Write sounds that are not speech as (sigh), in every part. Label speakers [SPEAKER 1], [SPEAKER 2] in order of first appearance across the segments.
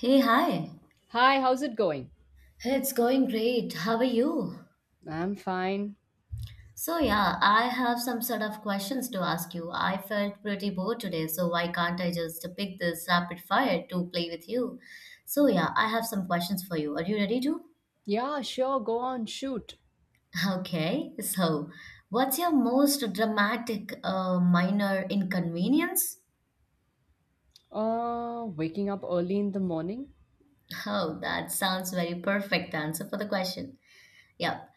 [SPEAKER 1] Hey, hi.
[SPEAKER 2] Hi, how's it going?
[SPEAKER 1] Hey, it's going great. How are you?
[SPEAKER 2] I'm fine.
[SPEAKER 1] So, I have some sort of questions to ask you. I felt pretty bored today, so why can't I just pick this rapid fire to play with you? So, I have some questions for you. Are you ready to?
[SPEAKER 2] Yeah, sure, go on, shoot.
[SPEAKER 1] (laughs) Okay, so what's your most dramatic minor inconvenience? (laughs)
[SPEAKER 2] Waking up early in the morning?
[SPEAKER 1] Oh, that sounds very perfect answer for the question. Yep.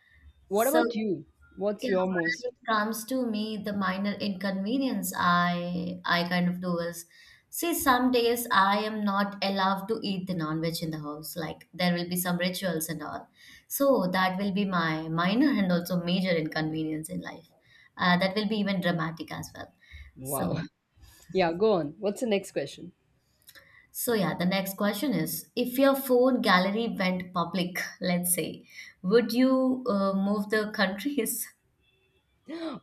[SPEAKER 2] What
[SPEAKER 1] So,
[SPEAKER 2] about you? What's
[SPEAKER 1] Yeah,
[SPEAKER 2] your most?
[SPEAKER 1] when it comes to me, the minor inconvenience I kind of do is see some days I am not allowed to eat the non-veg in the house. Like there will be some rituals and all. So that will be my minor and also major inconvenience in life. That will be even dramatic as well. So
[SPEAKER 2] Wow.
[SPEAKER 1] yeah.
[SPEAKER 2] (laughs) Yeah, go on. What's the next question?
[SPEAKER 1] So yeah, the next question is if your phone gallery went public, let's say, would you move the countries?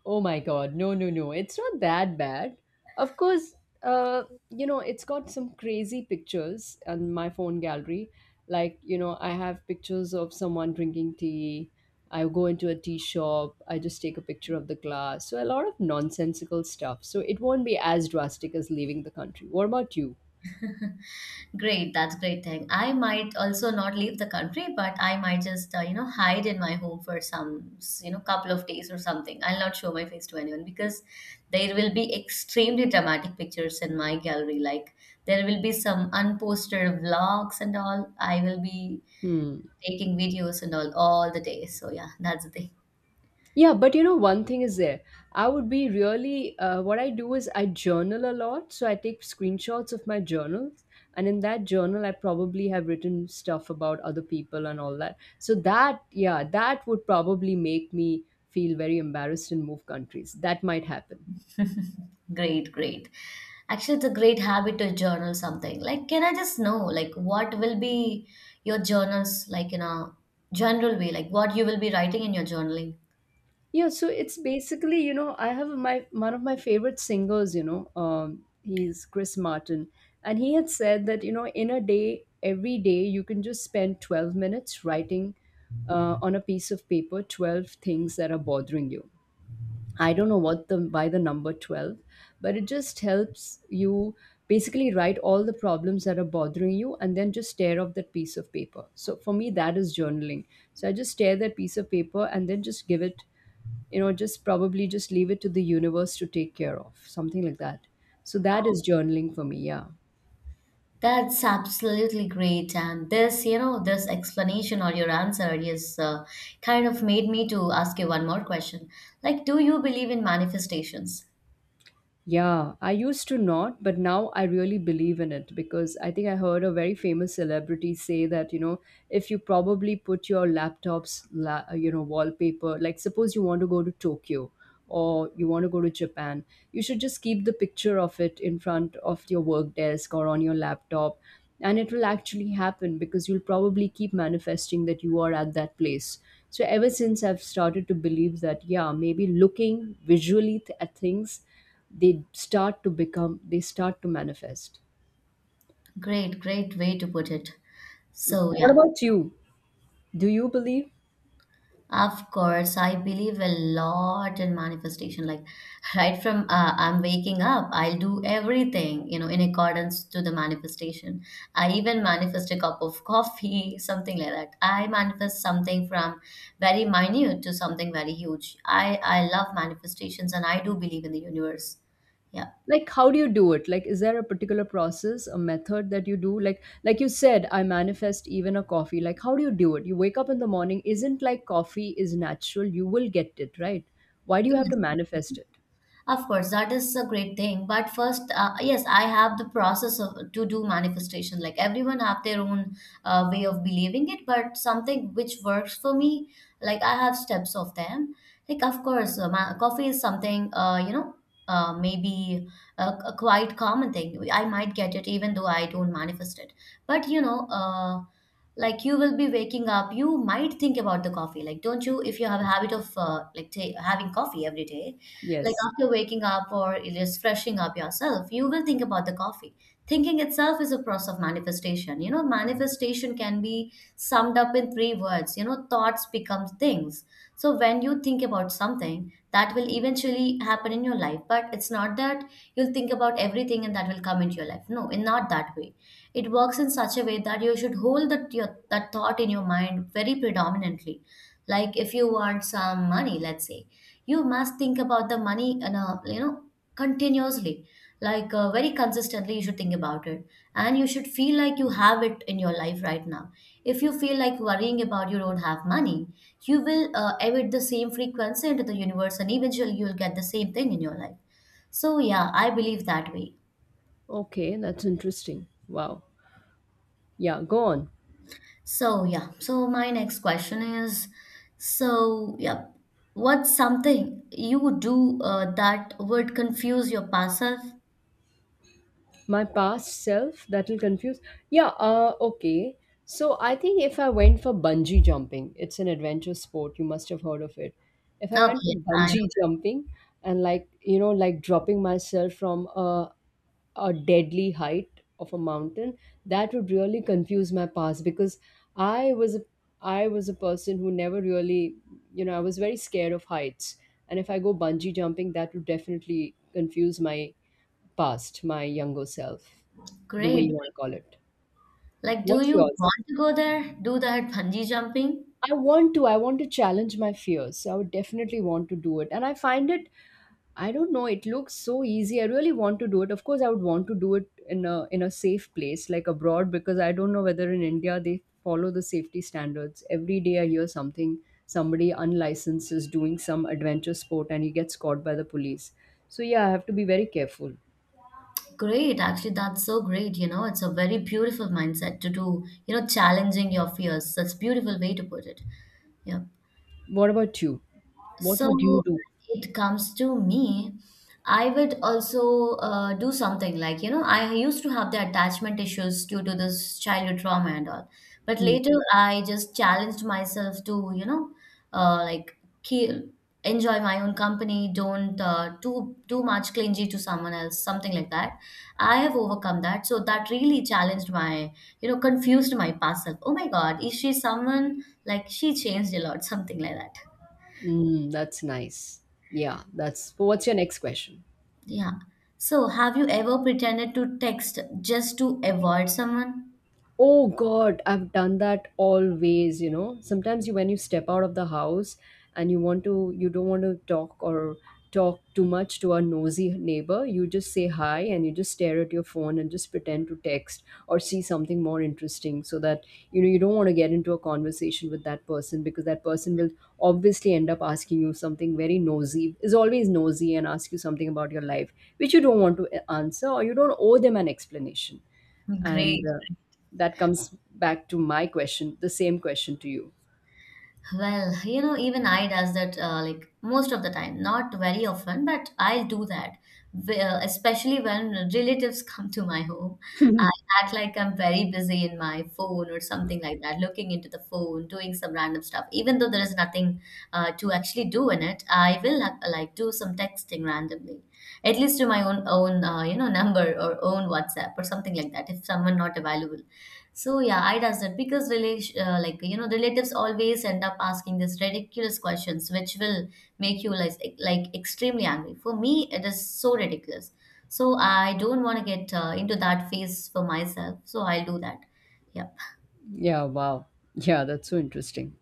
[SPEAKER 2] Oh my god, no, no, no. It's not that bad. Of course, uh, it's got some crazy pictures on my phone gallery. Like, you know, I have pictures of someone drinking tea. I go into a tea shop. I just take a picture of the glass. So a lot of nonsensical stuff. So it won't be as drastic as leaving the country. What about you?
[SPEAKER 1] (laughs) Great, that's great thing. I might also not leave the country, but I might just hide in my home for some couple of days or something. I'll not show my face to anyone because there will be extremely dramatic pictures in my gallery. Like there will be some unposted vlogs and all. I will be
[SPEAKER 2] Hmm.
[SPEAKER 1] taking videos and all the day. So yeah, that's the thing.
[SPEAKER 2] Yeah, but you know, one thing is there. I would be really, what I do is I journal a lot. So I take screenshots of my journals. And in that journal, I probably have written stuff about other people and all that. So that, yeah, that would probably make me feel very embarrassed and move countries. That might happen.
[SPEAKER 1] (laughs) Great, great. Actually, it's a great habit to journal something. Like, can I just know, like, what will be your journals, like, in a general way, like what you will be writing in your journaling?
[SPEAKER 2] Yeah, so it's basically, you know, I have my one of my favorite singers, you know, he's Chris Martin, and he had said that, you know, in a day, every day, you can just spend 12 minutes writing on a piece of paper 12 things that are bothering you. I don't know what the why the number 12, but it just helps you basically write all the problems that are bothering you and then just tear off that piece of paper. So for me that is journaling. So I just tear that piece of paper and then just give it, you know, just probably just leave it to the universe to take care of, something like that. So that
[SPEAKER 1] Oh,
[SPEAKER 2] is journaling for me, yeah.
[SPEAKER 1] that's absolutely great. And this, you know, this explanation or your answer is kind of made me to ask you one more question. Like, do you believe in manifestations?
[SPEAKER 2] Yeah, I used to not, but now I really believe in it because I think I heard a very famous celebrity say that, you know, if you probably put your laptop's, la- you know, wallpaper, like suppose you want to go to Tokyo or you want to go to Japan, you should just keep the picture of it in front of your work desk or on your laptop and it will actually happen because you'll probably keep manifesting that you are at that place. So ever since I've started to believe that, yeah, maybe looking visually at things, they start to manifest.
[SPEAKER 1] Great, great way to put it. So,
[SPEAKER 2] What
[SPEAKER 1] yeah.
[SPEAKER 2] about you? Do you believe,
[SPEAKER 1] Of course, I believe a lot in manifestation. Like (laughs) right from I'm waking up, I'll do everything, you know, in accordance to the manifestation. I even manifest a cup of coffee, (laughs) something like that. I manifest something from very minute to something very huge. I love manifestations and I do believe in the universe. Yeah.
[SPEAKER 2] like how do you do it? Like is there a particular process, a method that you do? Like you said, I manifest even a coffee. Like how do you do it? You wake up in the morning, isn't, like coffee is natural, you will get it, right? Why do you have
[SPEAKER 1] Yes.
[SPEAKER 2] to manifest it?
[SPEAKER 1] Of course, that is a great thing. But first, yes, I have the process of to do manifestation. Like everyone have their own way of believing it, but something which works for me, like I have steps of them. Like of course, coffee is something maybe a quite common thing. I might get it even though I don't manifest it. But you know. Like you will be waking up, you might think about the coffee, like don't you, if you have a habit of like ta having coffee every day, like
[SPEAKER 2] Yes.
[SPEAKER 1] after waking up or just freshing up yourself, you will think about the coffee. Thinking itself is a process of manifestation. You know, manifestation can be summed up in three words. You know, thoughts become things. So when you think about something, that will eventually happen in your life. But it's not that you'll think about everything and that will come into your life. No, in not that way. It works in such a way that you should hold that your that thought in your mind very predominantly. Like if you want some money, let's say, you must think about the money and you know, continuously, like very consistently you should think about it, and you should feel like you have it in your life right now. If you feel like worrying about you don't have money, you will emit the same frequency into the universe and eventually you'll get the same thing in your life. So yeah, I believe that way.
[SPEAKER 2] Okay, that's interesting. Wow. Yeah, go on.
[SPEAKER 1] So yeah, so my next question is, so yeah, what's something you do that would confuse your past self?
[SPEAKER 2] My past self that will confuse, yeah, okay. So I think if I went for bungee jumping, it's an adventure sport, you must have heard of it. If I went for
[SPEAKER 1] Okay, I.
[SPEAKER 2] bungee (laughs) jumping and like, you know, like dropping myself from a deadly height of a mountain, that would really confuse my past because i was a I was a person who never really, you know, I was very scared of heights. And if I go bungee jumping, that would definitely confuse my past, my younger self, the way you
[SPEAKER 1] Great.
[SPEAKER 2] want to call it.
[SPEAKER 1] Like, do
[SPEAKER 2] What's
[SPEAKER 1] you
[SPEAKER 2] yours?
[SPEAKER 1] want to go there? Do that bungee jumping?
[SPEAKER 2] I want to. I want to challenge my fears. So I would definitely want to do it. And I find it, I don't know, it looks so easy. I really want to do it. Of course, I would want to do it in a safe place, like abroad, because I don't know whether in India they follow the safety standards. Every day I hear something, somebody unlicensed is doing some adventure sport and he gets caught by the police. So yeah, I have to be very careful.
[SPEAKER 1] Great. Actually, that's so great. You know, it's a very beautiful mindset to do, you know, challenging your fears. That's beautiful way to put it. Yeah.
[SPEAKER 2] What about you? What
[SPEAKER 1] So
[SPEAKER 2] would you
[SPEAKER 1] when
[SPEAKER 2] do?
[SPEAKER 1] it comes to me, I would also do something like, you know, I used to have the attachment issues due to this childhood trauma and all. But
[SPEAKER 2] Hmm.
[SPEAKER 1] later I just challenged myself to, you know, like ke- enjoy my own company, don't too much clingy to someone else, something like that. I have overcome that. So that really challenged my, you know, confused my past self. Oh my God, is she someone like she changed a lot, something like that.
[SPEAKER 2] Mm, that's nice. Yeah, that's, what's your next question?
[SPEAKER 1] Yeah. So, have you ever pretended to text just to avoid someone?
[SPEAKER 2] Oh God, I've done that always, you know. Sometimes you when you step out of the house and you don't want to talk or talk too much to a nosy neighbor, you just say hi and you just stare at your phone and just pretend to text or see something more interesting so that, you know, you don't want to get into a conversation with that person because that person will obviously end up asking you something very nosy, is always nosy and ask you something about your life, which you don't want to answer or you don't owe them an explanation. And
[SPEAKER 1] Great.
[SPEAKER 2] that comes back to my question, the same question to you.
[SPEAKER 1] Well, you know, even I does that like most of the time, not very often, but I'll do that. Especially when relatives come to my home, I act like I'm very busy in my phone or something like that, looking into the phone, doing some random stuff. Even though there is nothing to actually do in it, I will like do some texting randomly, at least to my own you know number or own WhatsApp or something like that if someone not available. So yeah, I does that because relation like you know relatives always end up asking these ridiculous questions, which will make you like extremely angry. For me, it is so ridiculous. So I don't want to get into that phase for myself. So I'll do that. Yep.
[SPEAKER 2] Yeah, wow. Yeah, that's so interesting.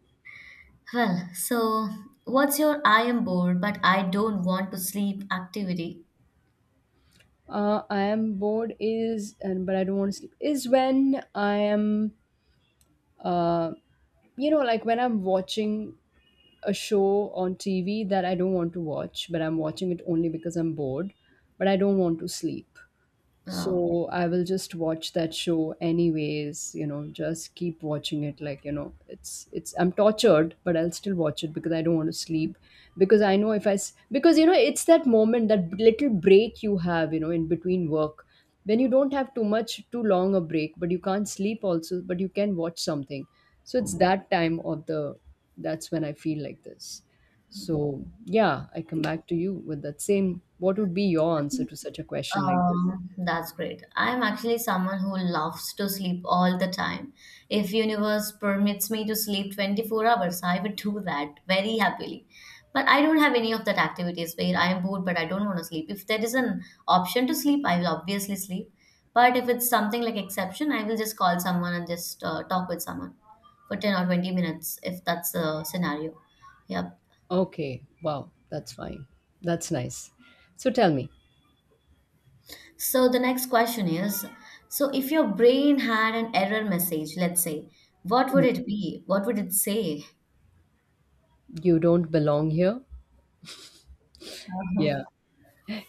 [SPEAKER 1] Well, so what's your I am bored but I don't want to sleep activity?
[SPEAKER 2] I am bored is, and but I don't want to sleep. Is when I am, uh, you know, like when I'm watching a show on TV that I don't want to watch, but I'm watching it only because I'm bored, but I don't want to sleep.
[SPEAKER 1] Uh,
[SPEAKER 2] So I will just watch that show anyways, you know, just keep watching it like, you know, it's I'm tortured, but I'll still watch it because I don't want to sleep because I know if I s- because you know, it's that moment, that little break you have, you know, in between work, when you don't have too long a break, but you can't sleep also, but you can watch something. So it's that time of the, that's when I feel like this. So yeah, I come back to you with that same, what would be your answer to such a question like this?
[SPEAKER 1] That's great. I'm actually someone who loves to sleep all the time. If universe permits me to sleep 24 hours, I would do that very happily. But I don't have any of that activities where I am bored but I don't want to sleep. If there is an option to sleep, I will obviously sleep. But if it's something like exception, I will just call someone and just talk with someone for 10 or 20 minutes if that's the scenario. Yep.
[SPEAKER 2] Okay, wow, that's fine. That's nice. So tell me,
[SPEAKER 1] So the next question is, so if your brain had an error message, let's say, what would it be? What would it say?
[SPEAKER 2] you don't belong here? Yeah.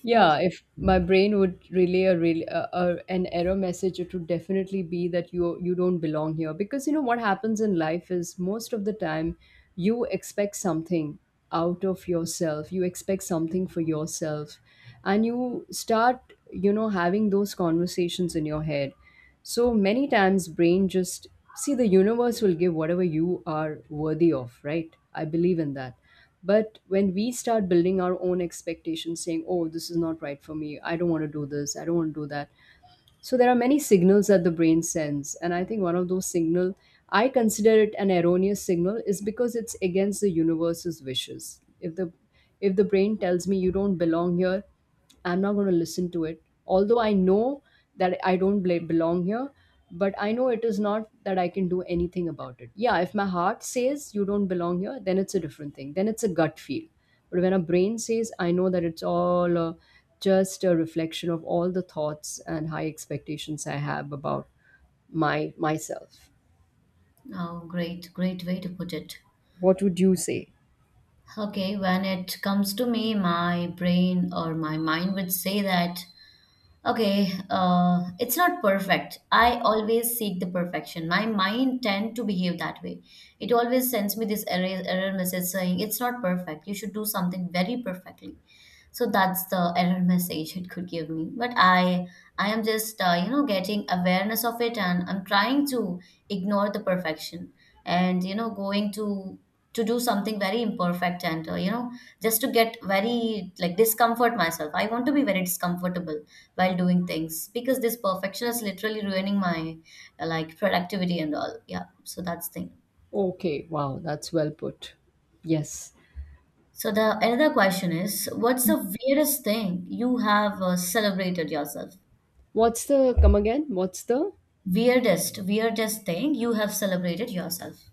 [SPEAKER 2] Yeah, if my brain would relay a, a an error message, it would definitely be that you don't belong here. Because you know what happens in life is most of the time you expect something out of yourself. You expect something for yourself, and you start, you know, having those conversations in your head. So many times, brain just, see, the universe will give whatever you are worthy of. Right? I believe in that. But when we start building our own expectations, saying, oh, this is not right for me, I don't want to do this, I don't want to do that, so there are many signals that the brain sends, and I think one of those signal, I consider it an erroneous signal, is because it's against the universe's wishes. If the, if the brain tells me you don't belong here, I'm not going to listen to it, although I know that I don't belong here, but I know it is not that I can do anything about it. Yeah, if my heart says you don't belong here, then it's a different thing, then it's a gut feel. But when our brain says, I know that it's all just a reflection of all the thoughts and high expectations I have about my myself.
[SPEAKER 1] Oh, great, great way to put it.
[SPEAKER 2] What would you say?
[SPEAKER 1] Okay, when it comes to me, my brain or my mind would say that, okay, it's not perfect. I always seek the perfection. My mind tend to behave that way. It always sends me this error message saying it's not perfect. You should do something very perfectly. So that's the error message it could give me, but I am just you know getting awareness of it, and I'm trying to ignore the perfection, and you know going to do something very imperfect, and you know just to get very like discomfort myself. I want to be very discomfortable while doing things because this perfection is literally ruining my like productivity and all. Yeah, so that's thing.
[SPEAKER 2] Okay, wow, that's well put. Yes.
[SPEAKER 1] So the another question is, what's the weirdest thing you have celebrated yourself?
[SPEAKER 2] What's the, come again? What's the,
[SPEAKER 1] Weirdest, weirdest thing you have celebrated yourself.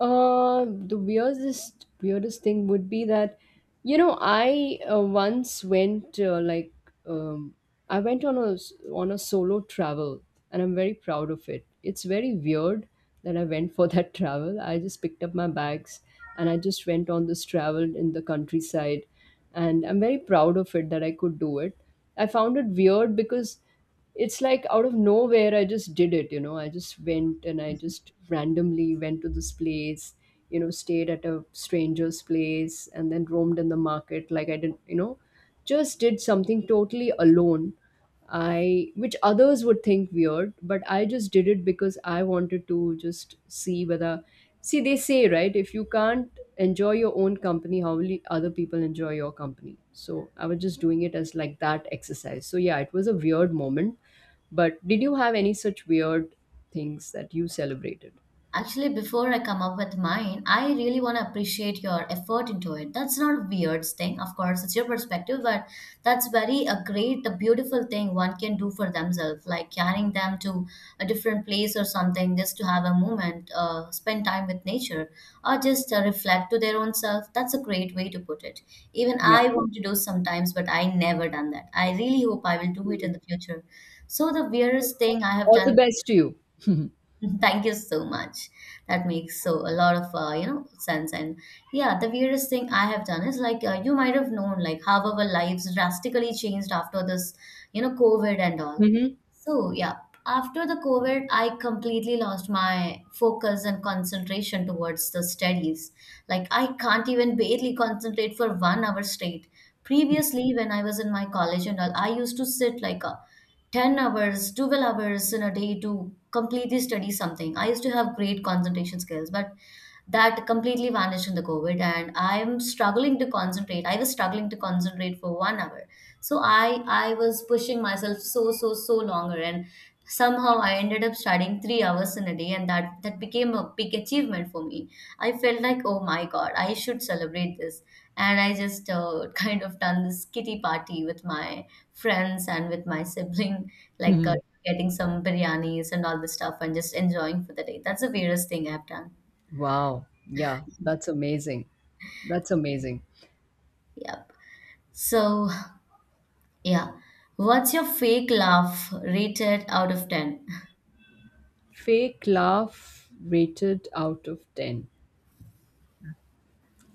[SPEAKER 2] The weirdest thing would be that, you know, I once went um, I went on on a solo travel, and I'm very proud of it. It's very weird that I went for that (laughs) travel. I just picked up my bags and I just went on this travel in the countryside, and I'm very proud of it that I could do it. I found it weird because it's like out of nowhere, I just did it, you know, I just went and I just randomly went to this place, you know, stayed at a stranger's place and then roamed in the market. Like I didn't, you know, just did something totally alone, I which others would think weird, but I just did it because I wanted to just see whether, see, they say, right, if you can't enjoy your own company, how will other people enjoy your company? So I was just doing it as like that exercise. So yeah, it was a weird moment. But did you have any such weird things that you celebrated?
[SPEAKER 1] Actually, before I come up with mine, I really want to appreciate your effort into it. That's not a weird thing. Of course, it's your perspective, but that's very a great, a beautiful thing one can do for themselves, like carrying them to a different place or something just to have a moment, spend time with nature, or just reflect to their own self. That's a great way to put it. Even
[SPEAKER 2] Yeah.
[SPEAKER 1] I want to do sometimes, but I never done that. I really hope I will do it
[SPEAKER 2] Mhm.
[SPEAKER 1] in the future. So the weirdest thing I have
[SPEAKER 2] All the
[SPEAKER 1] done.
[SPEAKER 2] best to you. (laughs)
[SPEAKER 1] (laughs) Thank you so much. That makes so a lot of you know sense. And yeah, the weirdest thing I have done is like you might have known like how our lives drastically changed after this, you know, COVID and all.
[SPEAKER 2] Hmm.
[SPEAKER 1] So, yeah, after the COVID, I completely lost my focus and concentration towards the studies. Like, I can't even barely concentrate for 1 hour straight. Previously, when I was in my college and all, I used to sit like a 10 hours, 12 hours in a day to completely study something. I used to have great concentration skills, but that completely vanished in the COVID, and I'm struggling to concentrate. I was struggling to concentrate for one hour, so I was pushing myself so longer, and somehow I ended up studying 3 hours in a day, and that became a big achievement for me. I felt like, oh my god, I should celebrate this. And I just (laughs) kind of done this kitty party with my friends and with my sibling, like getting some biryanis and all this stuff and just enjoying for the day. That's the weirdest thing I've done.
[SPEAKER 2] Wow. Yeah, that's amazing. That's amazing.
[SPEAKER 1] Yep. So yeah, what's your fake laugh rated out of 10?
[SPEAKER 2] Fake laugh rated out of 10.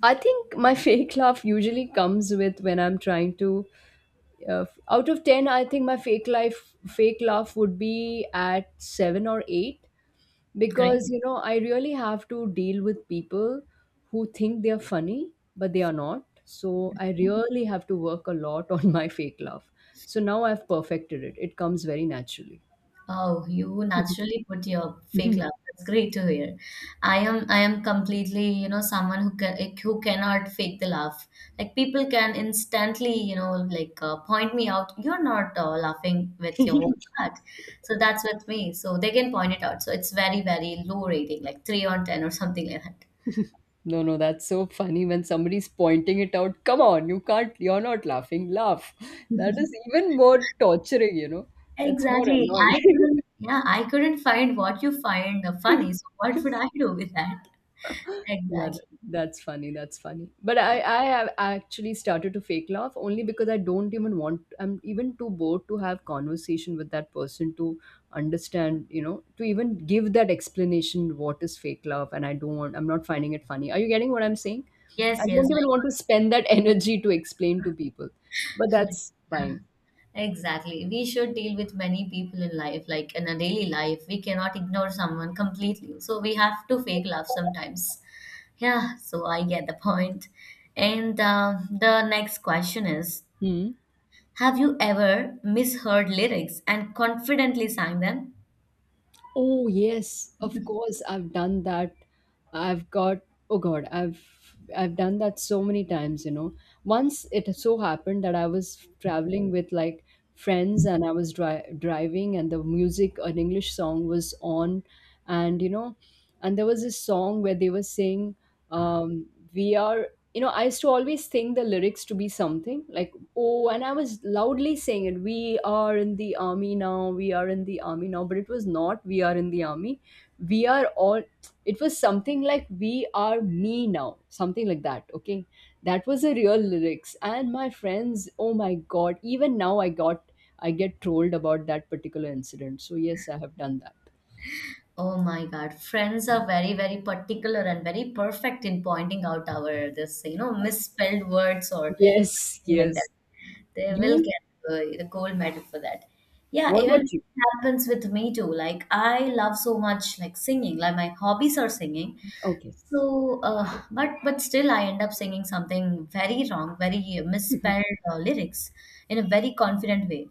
[SPEAKER 2] I think my (laughs) fake laugh usually comes with when I'm trying to out of 10 I think my fake laugh would be at 7 or 8,
[SPEAKER 1] (laughs) Great.
[SPEAKER 2] because you know I really have to deal with people who think they are funny but they are not. So I really have to work a lot on (laughs) my fake laugh. So now I've perfected it, it comes very naturally.
[SPEAKER 1] Oh, you naturally put your fake laugh.
[SPEAKER 2] (laughs)
[SPEAKER 1] That's great to hear. I am completely, you know, someone who can like, who cannot fake the laugh. Like, people can instantly, you know, like point me out. You're not laughing with your whole heart. So that's with me. So they can point it out. So it's very, very low rating, like three on ten or something like that.
[SPEAKER 2] No, no, that's so funny when somebody's pointing it out. Come on, you can't, you're not laughing laugh. That is
[SPEAKER 1] (laughs)
[SPEAKER 2] even more torturing, you know. That's more
[SPEAKER 1] Exactly.
[SPEAKER 2] annoying.
[SPEAKER 1] I
[SPEAKER 2] (laughs)
[SPEAKER 1] couldn't, yeah, I couldn't find what you find funny. So what would I do with that?
[SPEAKER 2] Yeah,
[SPEAKER 1] Exactly.
[SPEAKER 2] that's funny. That's funny. But I have actually started to fake laugh only because I don't even want. I'm even too bored to have conversation with that person to understand. You know, to even give that explanation what is fake love, and I don't want. I'm not finding it funny. Are you getting what I'm saying?
[SPEAKER 1] Yes,
[SPEAKER 2] I
[SPEAKER 1] yes.
[SPEAKER 2] don't even want to spend that (laughs) energy to explain to people. But that's fine.
[SPEAKER 1] Exactly. We should deal with many people in life, like in a daily life. We cannot ignore someone completely. So we have to fake love sometimes. Yeah, so I get the point. And the next question is,
[SPEAKER 2] Hmm.
[SPEAKER 1] have you ever misheard lyrics and confidently sang them?
[SPEAKER 2] Oh yes, of course I've done that. I've got, oh god, I've done that so many times, you know. Once it so happened that I was traveling with like friends and I was driving and the music, an English song was on, and you know, and there was this song where they were saying, um we are, you know, I used to always think the lyrics to be something like, oh, and I was loudly saying it, we are in the army now, we are in the army now, but it was not, we are in the army. We are all, it was something like, we are me now, something like that, okay? That was the real lyrics. And my friends, oh my God, even now I got, I get trolled about that particular incident. So, yes, I have done that.
[SPEAKER 1] Oh my God, friends are very, very particular and very perfect in pointing out our this, you know, misspelled words or
[SPEAKER 2] Yes,
[SPEAKER 1] something like
[SPEAKER 2] yes.
[SPEAKER 1] that. They will
[SPEAKER 2] You,
[SPEAKER 1] get the gold medal for that. Yeah,
[SPEAKER 2] what
[SPEAKER 1] even it
[SPEAKER 2] about you?
[SPEAKER 1] happens with me too. Like, I love so much like singing. Like, my hobbies are singing.
[SPEAKER 2] Okay.
[SPEAKER 1] So, but still, I end up singing something very wrong, very misspelled lyrics in a very confident way.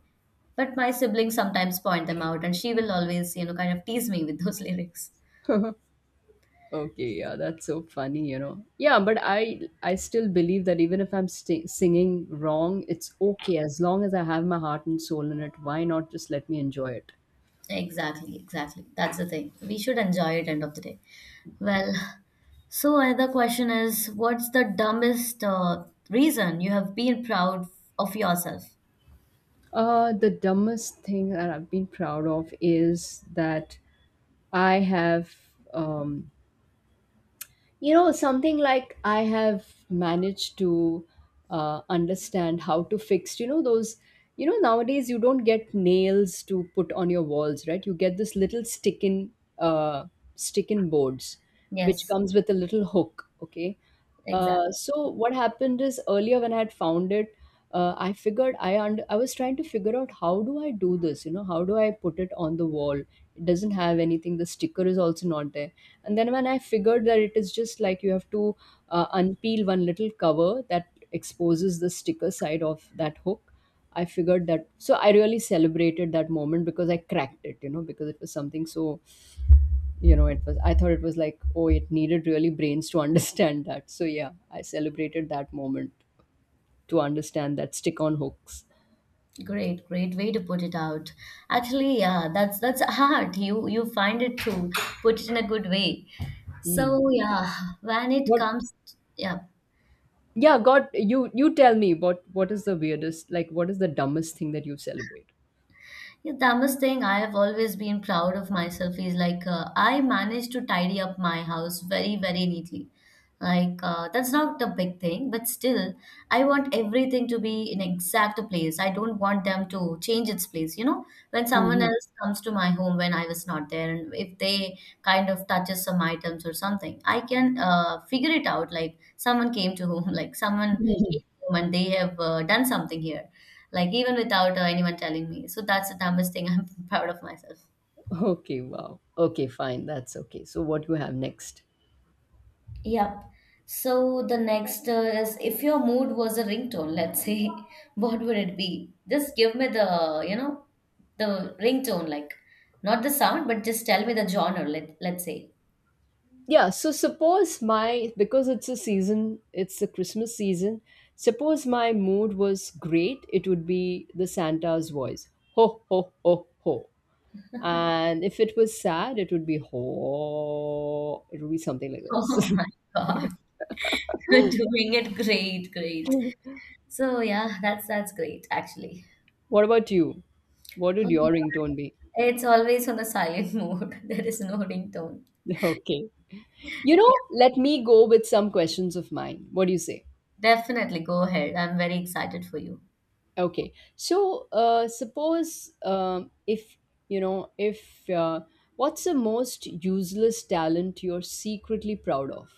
[SPEAKER 1] But my siblings sometimes point them out, and she will always, you know, kind of tease me with those (laughs) lyrics.
[SPEAKER 2] (laughs) Okay, yeah, that's so funny, you know. Yeah, but I still believe that even if I'm singing wrong, it's okay as long as I have my heart and soul in it. Why not just let me enjoy it?
[SPEAKER 1] Exactly, exactly. That's the thing. We should enjoy it end of the day. Well, so another question is, what's the dumbest reason you have been proud of yourself?
[SPEAKER 2] The dumbest thing that I've been proud of is that I have, um, you know, something like I have managed to understand how to fix, you know, those, you know, nowadays you don't get nails to put on your walls, right? You get this little stick in, uh, stick in boards which
[SPEAKER 1] Yes,
[SPEAKER 2] comes with a little hook, okay.
[SPEAKER 1] exactly.
[SPEAKER 2] So what happened is earlier when I had found it, I figured, I I was trying to figure out, how do I do this? You know, how do I put it on the wall? It doesn't have anything. The sticker is also not there. And then when I figured that it is just like you have to unpeel one little cover that exposes the sticker side of that hook. I figured that. So I really celebrated that moment because I cracked it. You know, because it was something so, you know, it was, I thought it was like, oh, it needed really brains to (laughs) understand that. So yeah, I celebrated that moment, to understand that stick on hooks.
[SPEAKER 1] Great, great way to put it out. Actually, yeah, that's hard. You find it to put it in a good way. So
[SPEAKER 2] Hmm.
[SPEAKER 1] yeah, when it
[SPEAKER 2] What?
[SPEAKER 1] comes, yeah,
[SPEAKER 2] Yeah god, you tell me, what is the weirdest, like what is the dumbest thing that you celebrate?
[SPEAKER 1] yeah, the dumbest thing I have always been proud of myself is like, I managed to tidy up my house very, very neatly. Like, that's not a big thing, but still, I want everything to be in exact place. I don't want them to change its place. You know, when someone
[SPEAKER 2] Hmm.
[SPEAKER 1] else comes to my home when I was not there, and if they kind of touches some items or something, I can figure it out. Like, someone came to home, (laughs) like someone came home and they have done something here, like even without anyone telling me. So that's the dumbest thing (laughs) I'm proud of myself.
[SPEAKER 2] (laughs) Okay, wow, okay, fine, that's okay. So what do you have next?
[SPEAKER 1] Yep. So the next is, if your mood was a ringtone, let's say, (laughs) what would it be? Just give me the, you know, the ringtone, like not the sound, but just tell me the genre, let, let's say. (laughs)
[SPEAKER 2] Yeah, so suppose my, because it's a season, it's the Christmas season, suppose my mood was great, it would be the Santa's voice, ho ho ho ho. And if it was sad, it would be ho. It would be something like this.
[SPEAKER 1] Oh my
[SPEAKER 2] (laughs)
[SPEAKER 1] God. (laughs) You're doing it great, great. So yeah, that's great actually.
[SPEAKER 2] What about you? What would
[SPEAKER 1] Oh my
[SPEAKER 2] your ringtone
[SPEAKER 1] God.
[SPEAKER 2] be?
[SPEAKER 1] It's always on the silent (laughs) mode. There is no ringtone.
[SPEAKER 2] (laughs) Okay. You
[SPEAKER 1] Yeah,
[SPEAKER 2] know, let me go with some questions of mine. What do you say?
[SPEAKER 1] definitely go ahead. I'm very excited for you.
[SPEAKER 2] Okay. So, suppose if, you know, if, what's the most useless talent you're secretly proud of?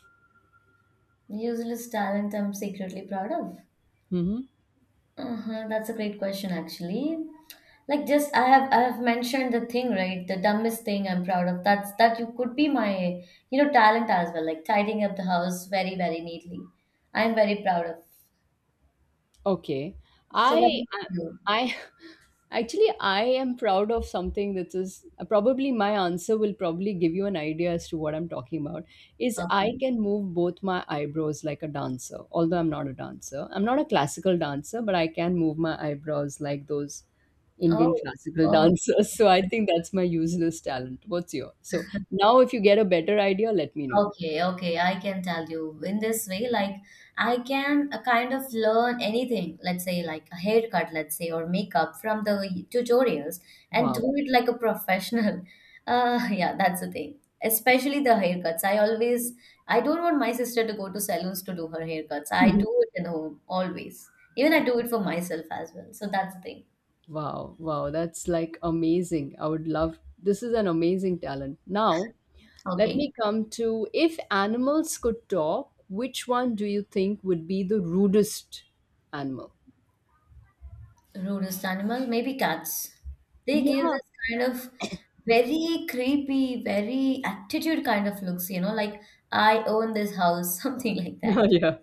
[SPEAKER 1] Useless talent I'm secretly proud of.
[SPEAKER 2] Mm-hmm.
[SPEAKER 1] Uh-huh, that's a great question actually. Like, just I have mentioned the thing, right? The dumbest thing I'm proud of. That's that you could be my, you know, talent as well, like tidying up the house very, very neatly. I'm very proud of.
[SPEAKER 2] Okay.
[SPEAKER 1] So what
[SPEAKER 2] I
[SPEAKER 1] about
[SPEAKER 2] I
[SPEAKER 1] you?
[SPEAKER 2] I- (laughs) actually I am proud of something that is probably my answer will probably give you an idea as to what I'm talking about, is I
[SPEAKER 1] Um,
[SPEAKER 2] can move both my eyebrows like a dancer, although I'm not a dancer. I'm not a classical dancer, but I can move my eyebrows like those Indian
[SPEAKER 1] oh,
[SPEAKER 2] classical
[SPEAKER 1] oh,
[SPEAKER 2] dancers. (laughs) So I think that's my useless talent. What's your? So now if you get a better idea, let me know.
[SPEAKER 1] okay, okay, I can tell you in this way, like I can kind of learn anything, let's say like a haircut, let's say, or makeup from the tutorials and do
[SPEAKER 2] Wow.
[SPEAKER 1] it like a professional. (laughs) Yeah, that's the thing. Especially the haircuts. I always, I don't want my sister to go to salons to do her haircuts. I do
[SPEAKER 2] (laughs)
[SPEAKER 1] it in home always. Even I do it for myself as well. So that's the thing.
[SPEAKER 2] Wow, wow, that's like amazing. I would love, this is an amazing talent. Now, let
[SPEAKER 1] Okay.
[SPEAKER 2] me come to, if animals could talk, which one do you think would be the rudest animal?
[SPEAKER 1] Rudest animal, maybe cats. They give
[SPEAKER 2] Yeah.
[SPEAKER 1] this kind of very creepy, very attitude kind of looks, you know, like I own this house, (laughs) something like
[SPEAKER 2] (laughs)
[SPEAKER 1] that.
[SPEAKER 2] Yeah.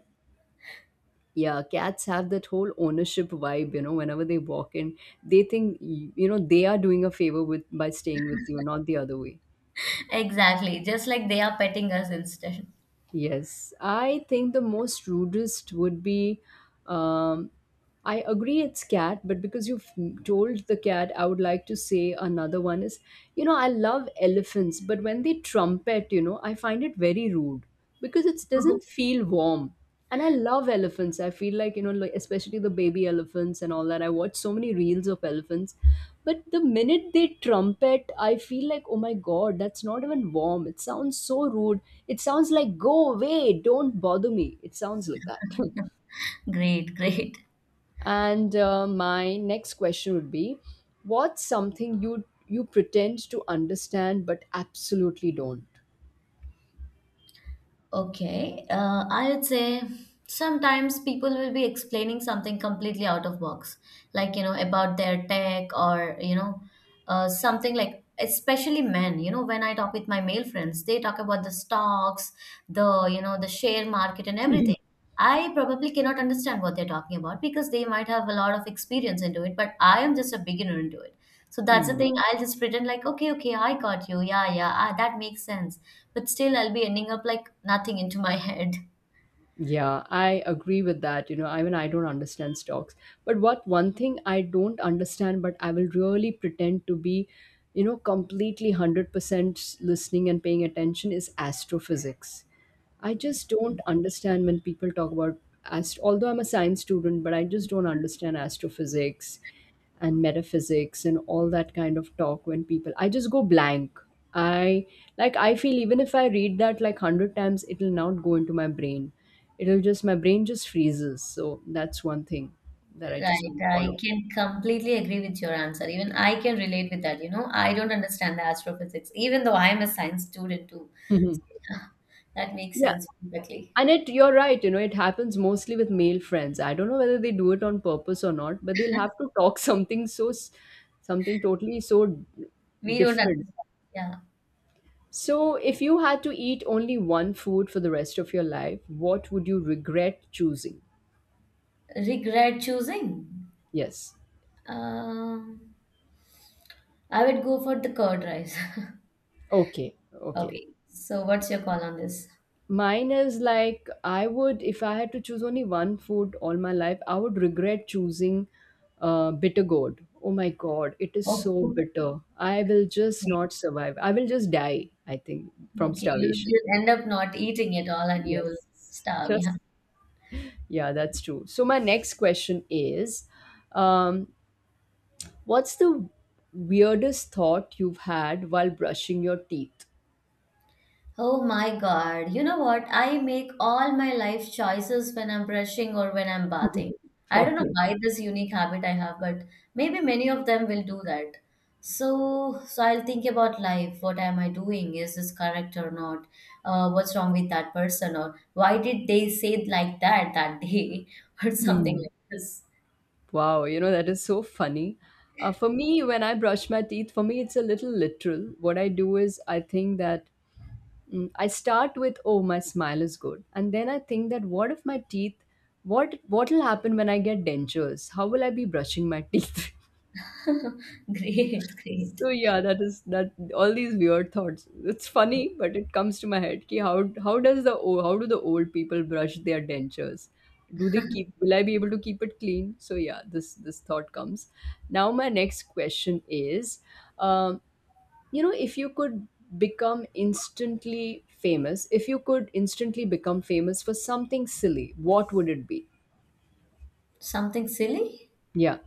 [SPEAKER 2] Yeah, cats have that whole ownership vibe, you know, whenever they walk in, they think you know, they are doing a favor with by staying with you, not the other way.
[SPEAKER 1] Exactly, just like they are petting us instead.
[SPEAKER 2] Yes, I think the most rudest would be. Um, I agree it's cat, but because you've told the cat, I would like to say another one is, you know, I love elephants, but when they trumpet, you know, I find it very rude because it doesn't feel warm. And I love elephants. I feel like, you know, like especially the baby elephants and all that. I watch so many reels of elephants, but the minute they trumpet, I feel like, oh my god, that's not even warm. It sounds so rude. It sounds like, go away, don't bother me. It sounds like that.
[SPEAKER 1] (laughs) Great, great.
[SPEAKER 2] (laughs) And my next question would be, what's something you pretend to understand but absolutely don't?
[SPEAKER 1] Okay, I would say sometimes people will be explaining something completely out of box, like, you know, about their tech or you know, something like, especially men. You know, when I talk with my male friends, they talk about the stocks, the, you know, the share market and everything.
[SPEAKER 2] (laughs)
[SPEAKER 1] I probably cannot understand what they're talking about because they might have a lot of experience into it, but I am just a beginner into it. So that's the
[SPEAKER 2] Hmm.
[SPEAKER 1] thing. I'll just pretend like, okay, okay, I got you. Yeah, yeah, ah, that makes sense, but still I'll be ending up like nothing into my head.
[SPEAKER 2] Yeah, I agree with that. You know, I mean, I don't understand stocks, but what one thing I don't understand, but I will really pretend to be, you know, completely 100% listening and paying attention is astrophysics. I just don't understand when people talk about although I'm a science student, but I just don't understand astrophysics and metaphysics and all that kind of talk when people I just go blank. I, like I feel even if I read that like 100 times it will not go into my brain. It'll just, my brain just freezes. So that's one thing that I just don't
[SPEAKER 1] Right, I
[SPEAKER 2] follow.
[SPEAKER 1] can completely agree with your answer. Even I can relate with that. You know, I don't understand the astrophysics, even though I'm a science student too. (laughs)
[SPEAKER 2] Mhm.
[SPEAKER 1] That makes
[SPEAKER 2] Yeah.
[SPEAKER 1] sense perfectly.
[SPEAKER 2] And it, you're right, you know, it happens mostly with male friends. I don't know whether they do it on purpose or not, but they'll have to talk (laughs) something so, something totally so
[SPEAKER 1] We don't
[SPEAKER 2] different.
[SPEAKER 1] understand. Yeah.
[SPEAKER 2] So, if you had to eat only one food for the rest of your life, what would you regret choosing?
[SPEAKER 1] Regret choosing.
[SPEAKER 2] Yes.
[SPEAKER 1] Um, I would go for the curd rice. (laughs)
[SPEAKER 2] Okay. Okay.
[SPEAKER 1] Okay. So what's your call on this?
[SPEAKER 2] Mine is like I would, if I had to choose only one food all my life, I would regret choosing bitter gourd. Oh my God, it is
[SPEAKER 1] Oh,
[SPEAKER 2] so
[SPEAKER 1] (laughs)
[SPEAKER 2] bitter. I will just
[SPEAKER 1] okay.
[SPEAKER 2] not survive. I will just die, I think, from
[SPEAKER 1] Okay.
[SPEAKER 2] starvation.
[SPEAKER 1] You'll end up not eating it all and you'll
[SPEAKER 2] Yes.
[SPEAKER 1] starve. Yeah.
[SPEAKER 2] Just, yeah, that's true. So, my next question is, um, what's the weirdest thought you've had while brushing your teeth?
[SPEAKER 1] Oh my God. You know what? I make all my life choices when I'm brushing or when I'm bathing.
[SPEAKER 2] (laughs)
[SPEAKER 1] I don't know
[SPEAKER 2] Okay.
[SPEAKER 1] why this unique habit I have, but maybe many of them will do that. So, so I'll think about life. What am I doing? Is this correct or not? What's wrong with that person? Or why did they say it like that that day? (laughs) Or something
[SPEAKER 2] Hmm.
[SPEAKER 1] like this.
[SPEAKER 2] Wow, you know, that is so funny. For me, when I brush my teeth, for me, it's a little literal. What I do is I think that, mm, I start with, oh, my smile is good. And then I think that what if my teeth, what will happen when I get dentures? How will I be brushing my teeth? (laughs)
[SPEAKER 1] (laughs) Great, great.
[SPEAKER 2] So yeah, that is, that all these weird thoughts. It's funny, but it comes to my head. Ki how does the how do the old people brush their dentures? Do they keep? Will I be able to keep it clean? So yeah, this thought comes. Now my next question is, um, you know, if you could become instantly famous, if you could instantly become famous for something silly, what would it be?
[SPEAKER 1] Something silly?
[SPEAKER 2] Yeah.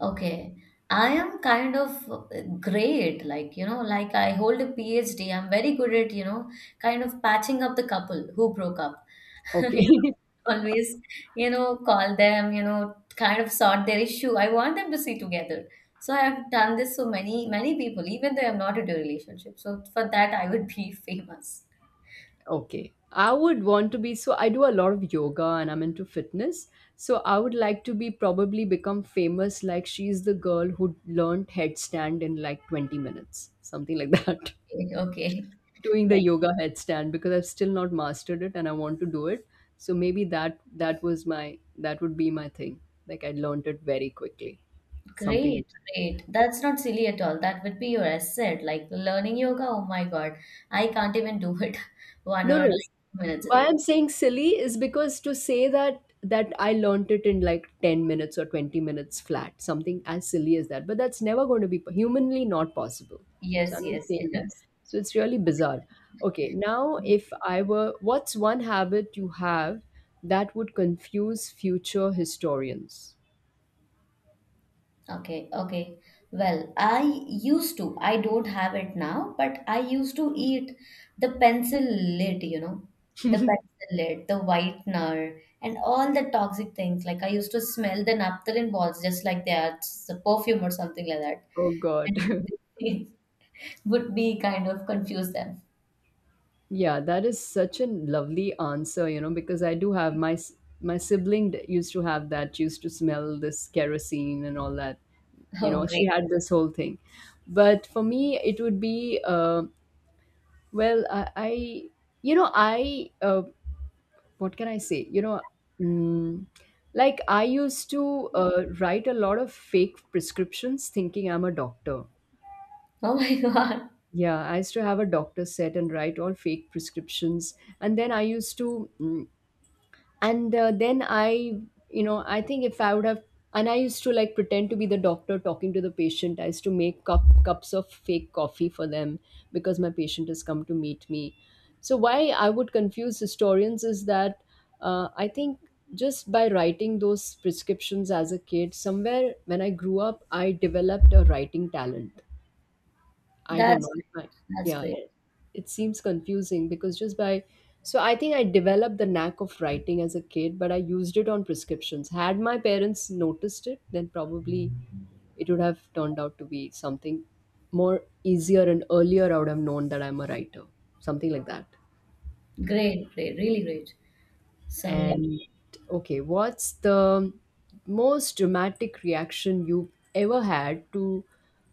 [SPEAKER 1] Okay. I am kind of great, like, you know, like I hold a PhD. I'm very good at, you know, kind of patching up the couple who broke up. (laughs) You know,
[SPEAKER 2] Okay. (laughs)
[SPEAKER 1] always, you know, call them, you know, kind of sort their issue. I want them to see together. So I have done this so many, many people, even though I'm not into a relationship. So for that, I would be (laughs) famous.
[SPEAKER 2] Okay. I would want to be, so I do a lot of yoga and I'm into fitness. So I would like to be probably become famous like, she's the girl who learned headstand in like 20 minutes, something like that.
[SPEAKER 1] Okay.
[SPEAKER 2] (laughs) Doing the yoga headstand because I've still not mastered it and I want to do it. So maybe that, that was my, that would be my thing. Like I learned it very quickly. Something like.
[SPEAKER 1] Great, great. That's not silly at all. That would be your asset. Like learning yoga, oh my God, I can't even do it (laughs) one
[SPEAKER 2] No,
[SPEAKER 1] or like
[SPEAKER 2] no.
[SPEAKER 1] two minutes a
[SPEAKER 2] Why
[SPEAKER 1] day.
[SPEAKER 2] I'm saying silly is because to say that that I learnt it in like 10 minutes or 20 minutes flat, something as silly as that. But that's never going to be humanly not possible. So
[SPEAKER 1] Yes,
[SPEAKER 2] I'm just
[SPEAKER 1] yes, (laughs)
[SPEAKER 2] saying that.
[SPEAKER 1] yes.
[SPEAKER 2] So it's really bizarre. Okay, now if I were, what's one habit you have that would confuse future historians?
[SPEAKER 1] Okay, okay. Well, I used to, I don't have it now, but I used to eat the pencil lid, you know, the pencil lid, the whitener, and all the toxic things. Like, I used to smell the naphthalene balls just like they are, it's a perfume or something like that.
[SPEAKER 2] Oh God. (laughs)
[SPEAKER 1] And (laughs) would be kind of confuse them.
[SPEAKER 2] Yeah, that is such a lovely answer, you know, because I do have my my sibling used to have that, used to smell this kerosene and all that.
[SPEAKER 1] (laughs)
[SPEAKER 2] You
[SPEAKER 1] Oh,
[SPEAKER 2] know, she
[SPEAKER 1] great.
[SPEAKER 2] had this whole thing. But for me, it would be well, I you know, I, what can I say? You know, mm, like I used to write a lot of fake prescriptions, thinking I'm a doctor.
[SPEAKER 1] Oh my (laughs) God.
[SPEAKER 2] Yeah, I used to have a doctor set and write all fake prescriptions, and then I used to. Mm, and then I, you know, I think if I would have, and I used to like pretend to be the doctor talking to the patient, I used to make cups of fake coffee for them because my patient has come to meet me. So why I would confuse historians is that, I think just by writing those prescriptions as a kid, somewhere when I grew up I developed a writing talent. I don't
[SPEAKER 1] That's
[SPEAKER 2] know. If I,
[SPEAKER 1] great. That's
[SPEAKER 2] yeah,
[SPEAKER 1] great.
[SPEAKER 2] it seems confusing because just by, so I think I developed the knack of writing as a kid, but I used it on prescriptions. Had my parents noticed it, then probably it would have turned out to be something more easier and earlier. I would have known that I'm a writer, something like that.
[SPEAKER 1] Great, great, really great. So yeah.
[SPEAKER 2] And okay, what's the most dramatic reaction you've ever had to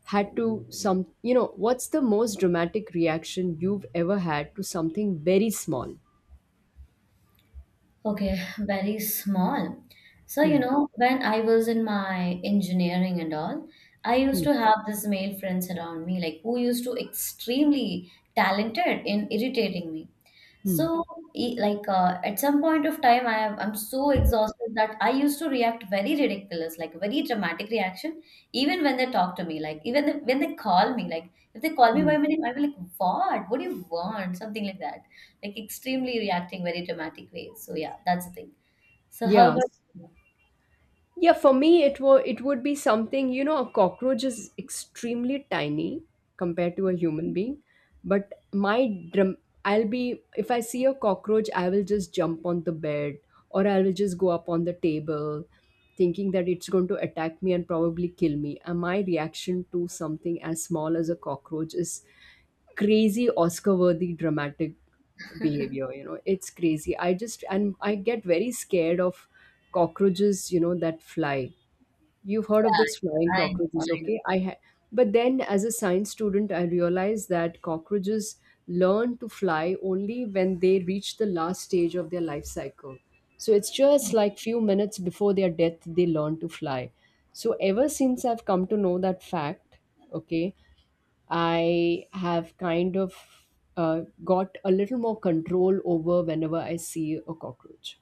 [SPEAKER 2] some, you know, what's the most dramatic reaction you've ever had to something very small?
[SPEAKER 1] Okay, very small. So you
[SPEAKER 2] Hmm.
[SPEAKER 1] know, when I was in my engineering and all, I used
[SPEAKER 2] Hmm.
[SPEAKER 1] to have this male friends around me, like who used to extremely talented in irritating me.
[SPEAKER 2] Hmm.
[SPEAKER 1] So, e- like at some point of time, I am I'm so exhausted that I used to react very ridiculous, like very dramatic reaction, even when they talk to me, like even the, when they call me, like if they call me
[SPEAKER 2] Hmm.
[SPEAKER 1] by my name, I'm like, what? What do you want? Something like that, like extremely reacting very dramatic ways. So yeah, that's the thing. So how
[SPEAKER 2] Yeah.
[SPEAKER 1] about?
[SPEAKER 2] Yeah, for me, it it would be something, you know, a cockroach is extremely tiny compared to a human being. But my drum, I'll be, if I see a cockroach, I will just jump on the bed or I will just go up on the table thinking that it's going to attack me and probably kill me. And my reaction to something as small as a cockroach is crazy, Oscar worthy dramatic behavior.
[SPEAKER 1] (laughs)
[SPEAKER 2] You know, it's crazy. I just, and I get very scared of cockroaches, you know, that fly. You've heard of
[SPEAKER 1] Yeah,
[SPEAKER 2] those flying
[SPEAKER 1] I know, I
[SPEAKER 2] cockroaches,
[SPEAKER 1] know.
[SPEAKER 2] okay? I but then as a science student, I realized that cockroaches learn to fly only when they reach the last stage of their life cycle. So it's just like few minutes before their death, they learn to fly. So ever since I've come to know that fact, okay, I have kind of got a little more control over whenever I see a cockroach.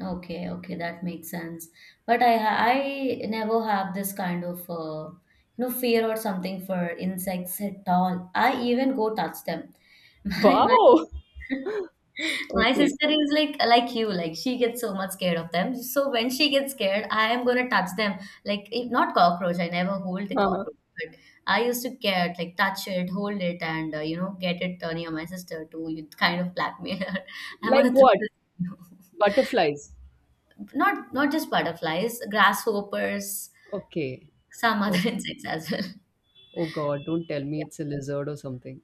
[SPEAKER 1] Okay, okay, that makes sense. But I ha- I never have this kind of you know, fear or something for insects at all. I even go touch them. (laughs) My
[SPEAKER 2] Wow. (laughs)
[SPEAKER 1] my
[SPEAKER 2] Okay.
[SPEAKER 1] sister is like you, like she gets so much scared of them. So when she gets scared, I am gonna touch them. Like if not cockroach, I never hold the
[SPEAKER 2] Uh-huh.
[SPEAKER 1] cockroach. But I used to get like touch it, hold it, and you know, get it near my sister to kind of blackmail her. (laughs) I'm
[SPEAKER 2] Like
[SPEAKER 1] gonna throw
[SPEAKER 2] what?
[SPEAKER 1] this.
[SPEAKER 2] Butterflies.
[SPEAKER 1] Not not just butterflies, grasshoppers,
[SPEAKER 2] Okay.
[SPEAKER 1] some other
[SPEAKER 2] Oh,
[SPEAKER 1] (laughs) insects as well.
[SPEAKER 2] oh God, don't tell me it's a lizard or something.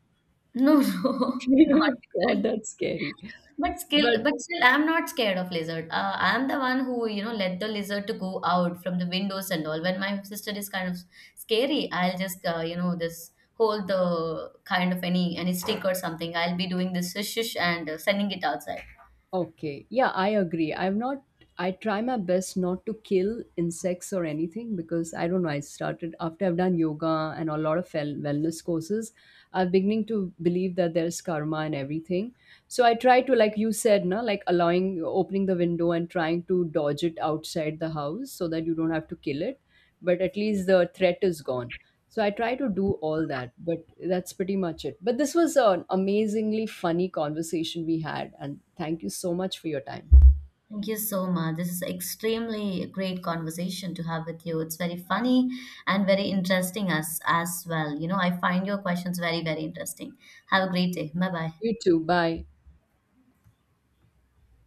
[SPEAKER 1] No, no, (laughs) not
[SPEAKER 2] (laughs) God,
[SPEAKER 1] lizard.
[SPEAKER 2] that's scary. But
[SPEAKER 1] But still, I'm not scared of lizard. I'm the one who, you know, let the lizard to go out from the windows and all. When my sister is kind of scary, I'll just, you know, this hold the kind of any stick or something. I'll be doing this shush shush and sending it outside.
[SPEAKER 2] okay. Yeah, I agree. I'm not, I try my best not to kill insects or anything because I don't know. I started after I've done yoga and a lot of wellness courses, I'm beginning to believe that there's karma and everything. So I try to, like you said, na, like allowing, opening the window and trying to dodge it outside the house so that you don't have to kill it. But at least the threat is gone. So I try to do all that, but that's pretty much it. But this was an amazingly funny conversation we had, and thank you so much for your time.
[SPEAKER 1] Thank you so much. This is extremely great conversation to have with you. It's very funny and very interesting as well. You know, I find your questions very, very interesting. Have a great day. Bye bye.
[SPEAKER 2] You too. Bye.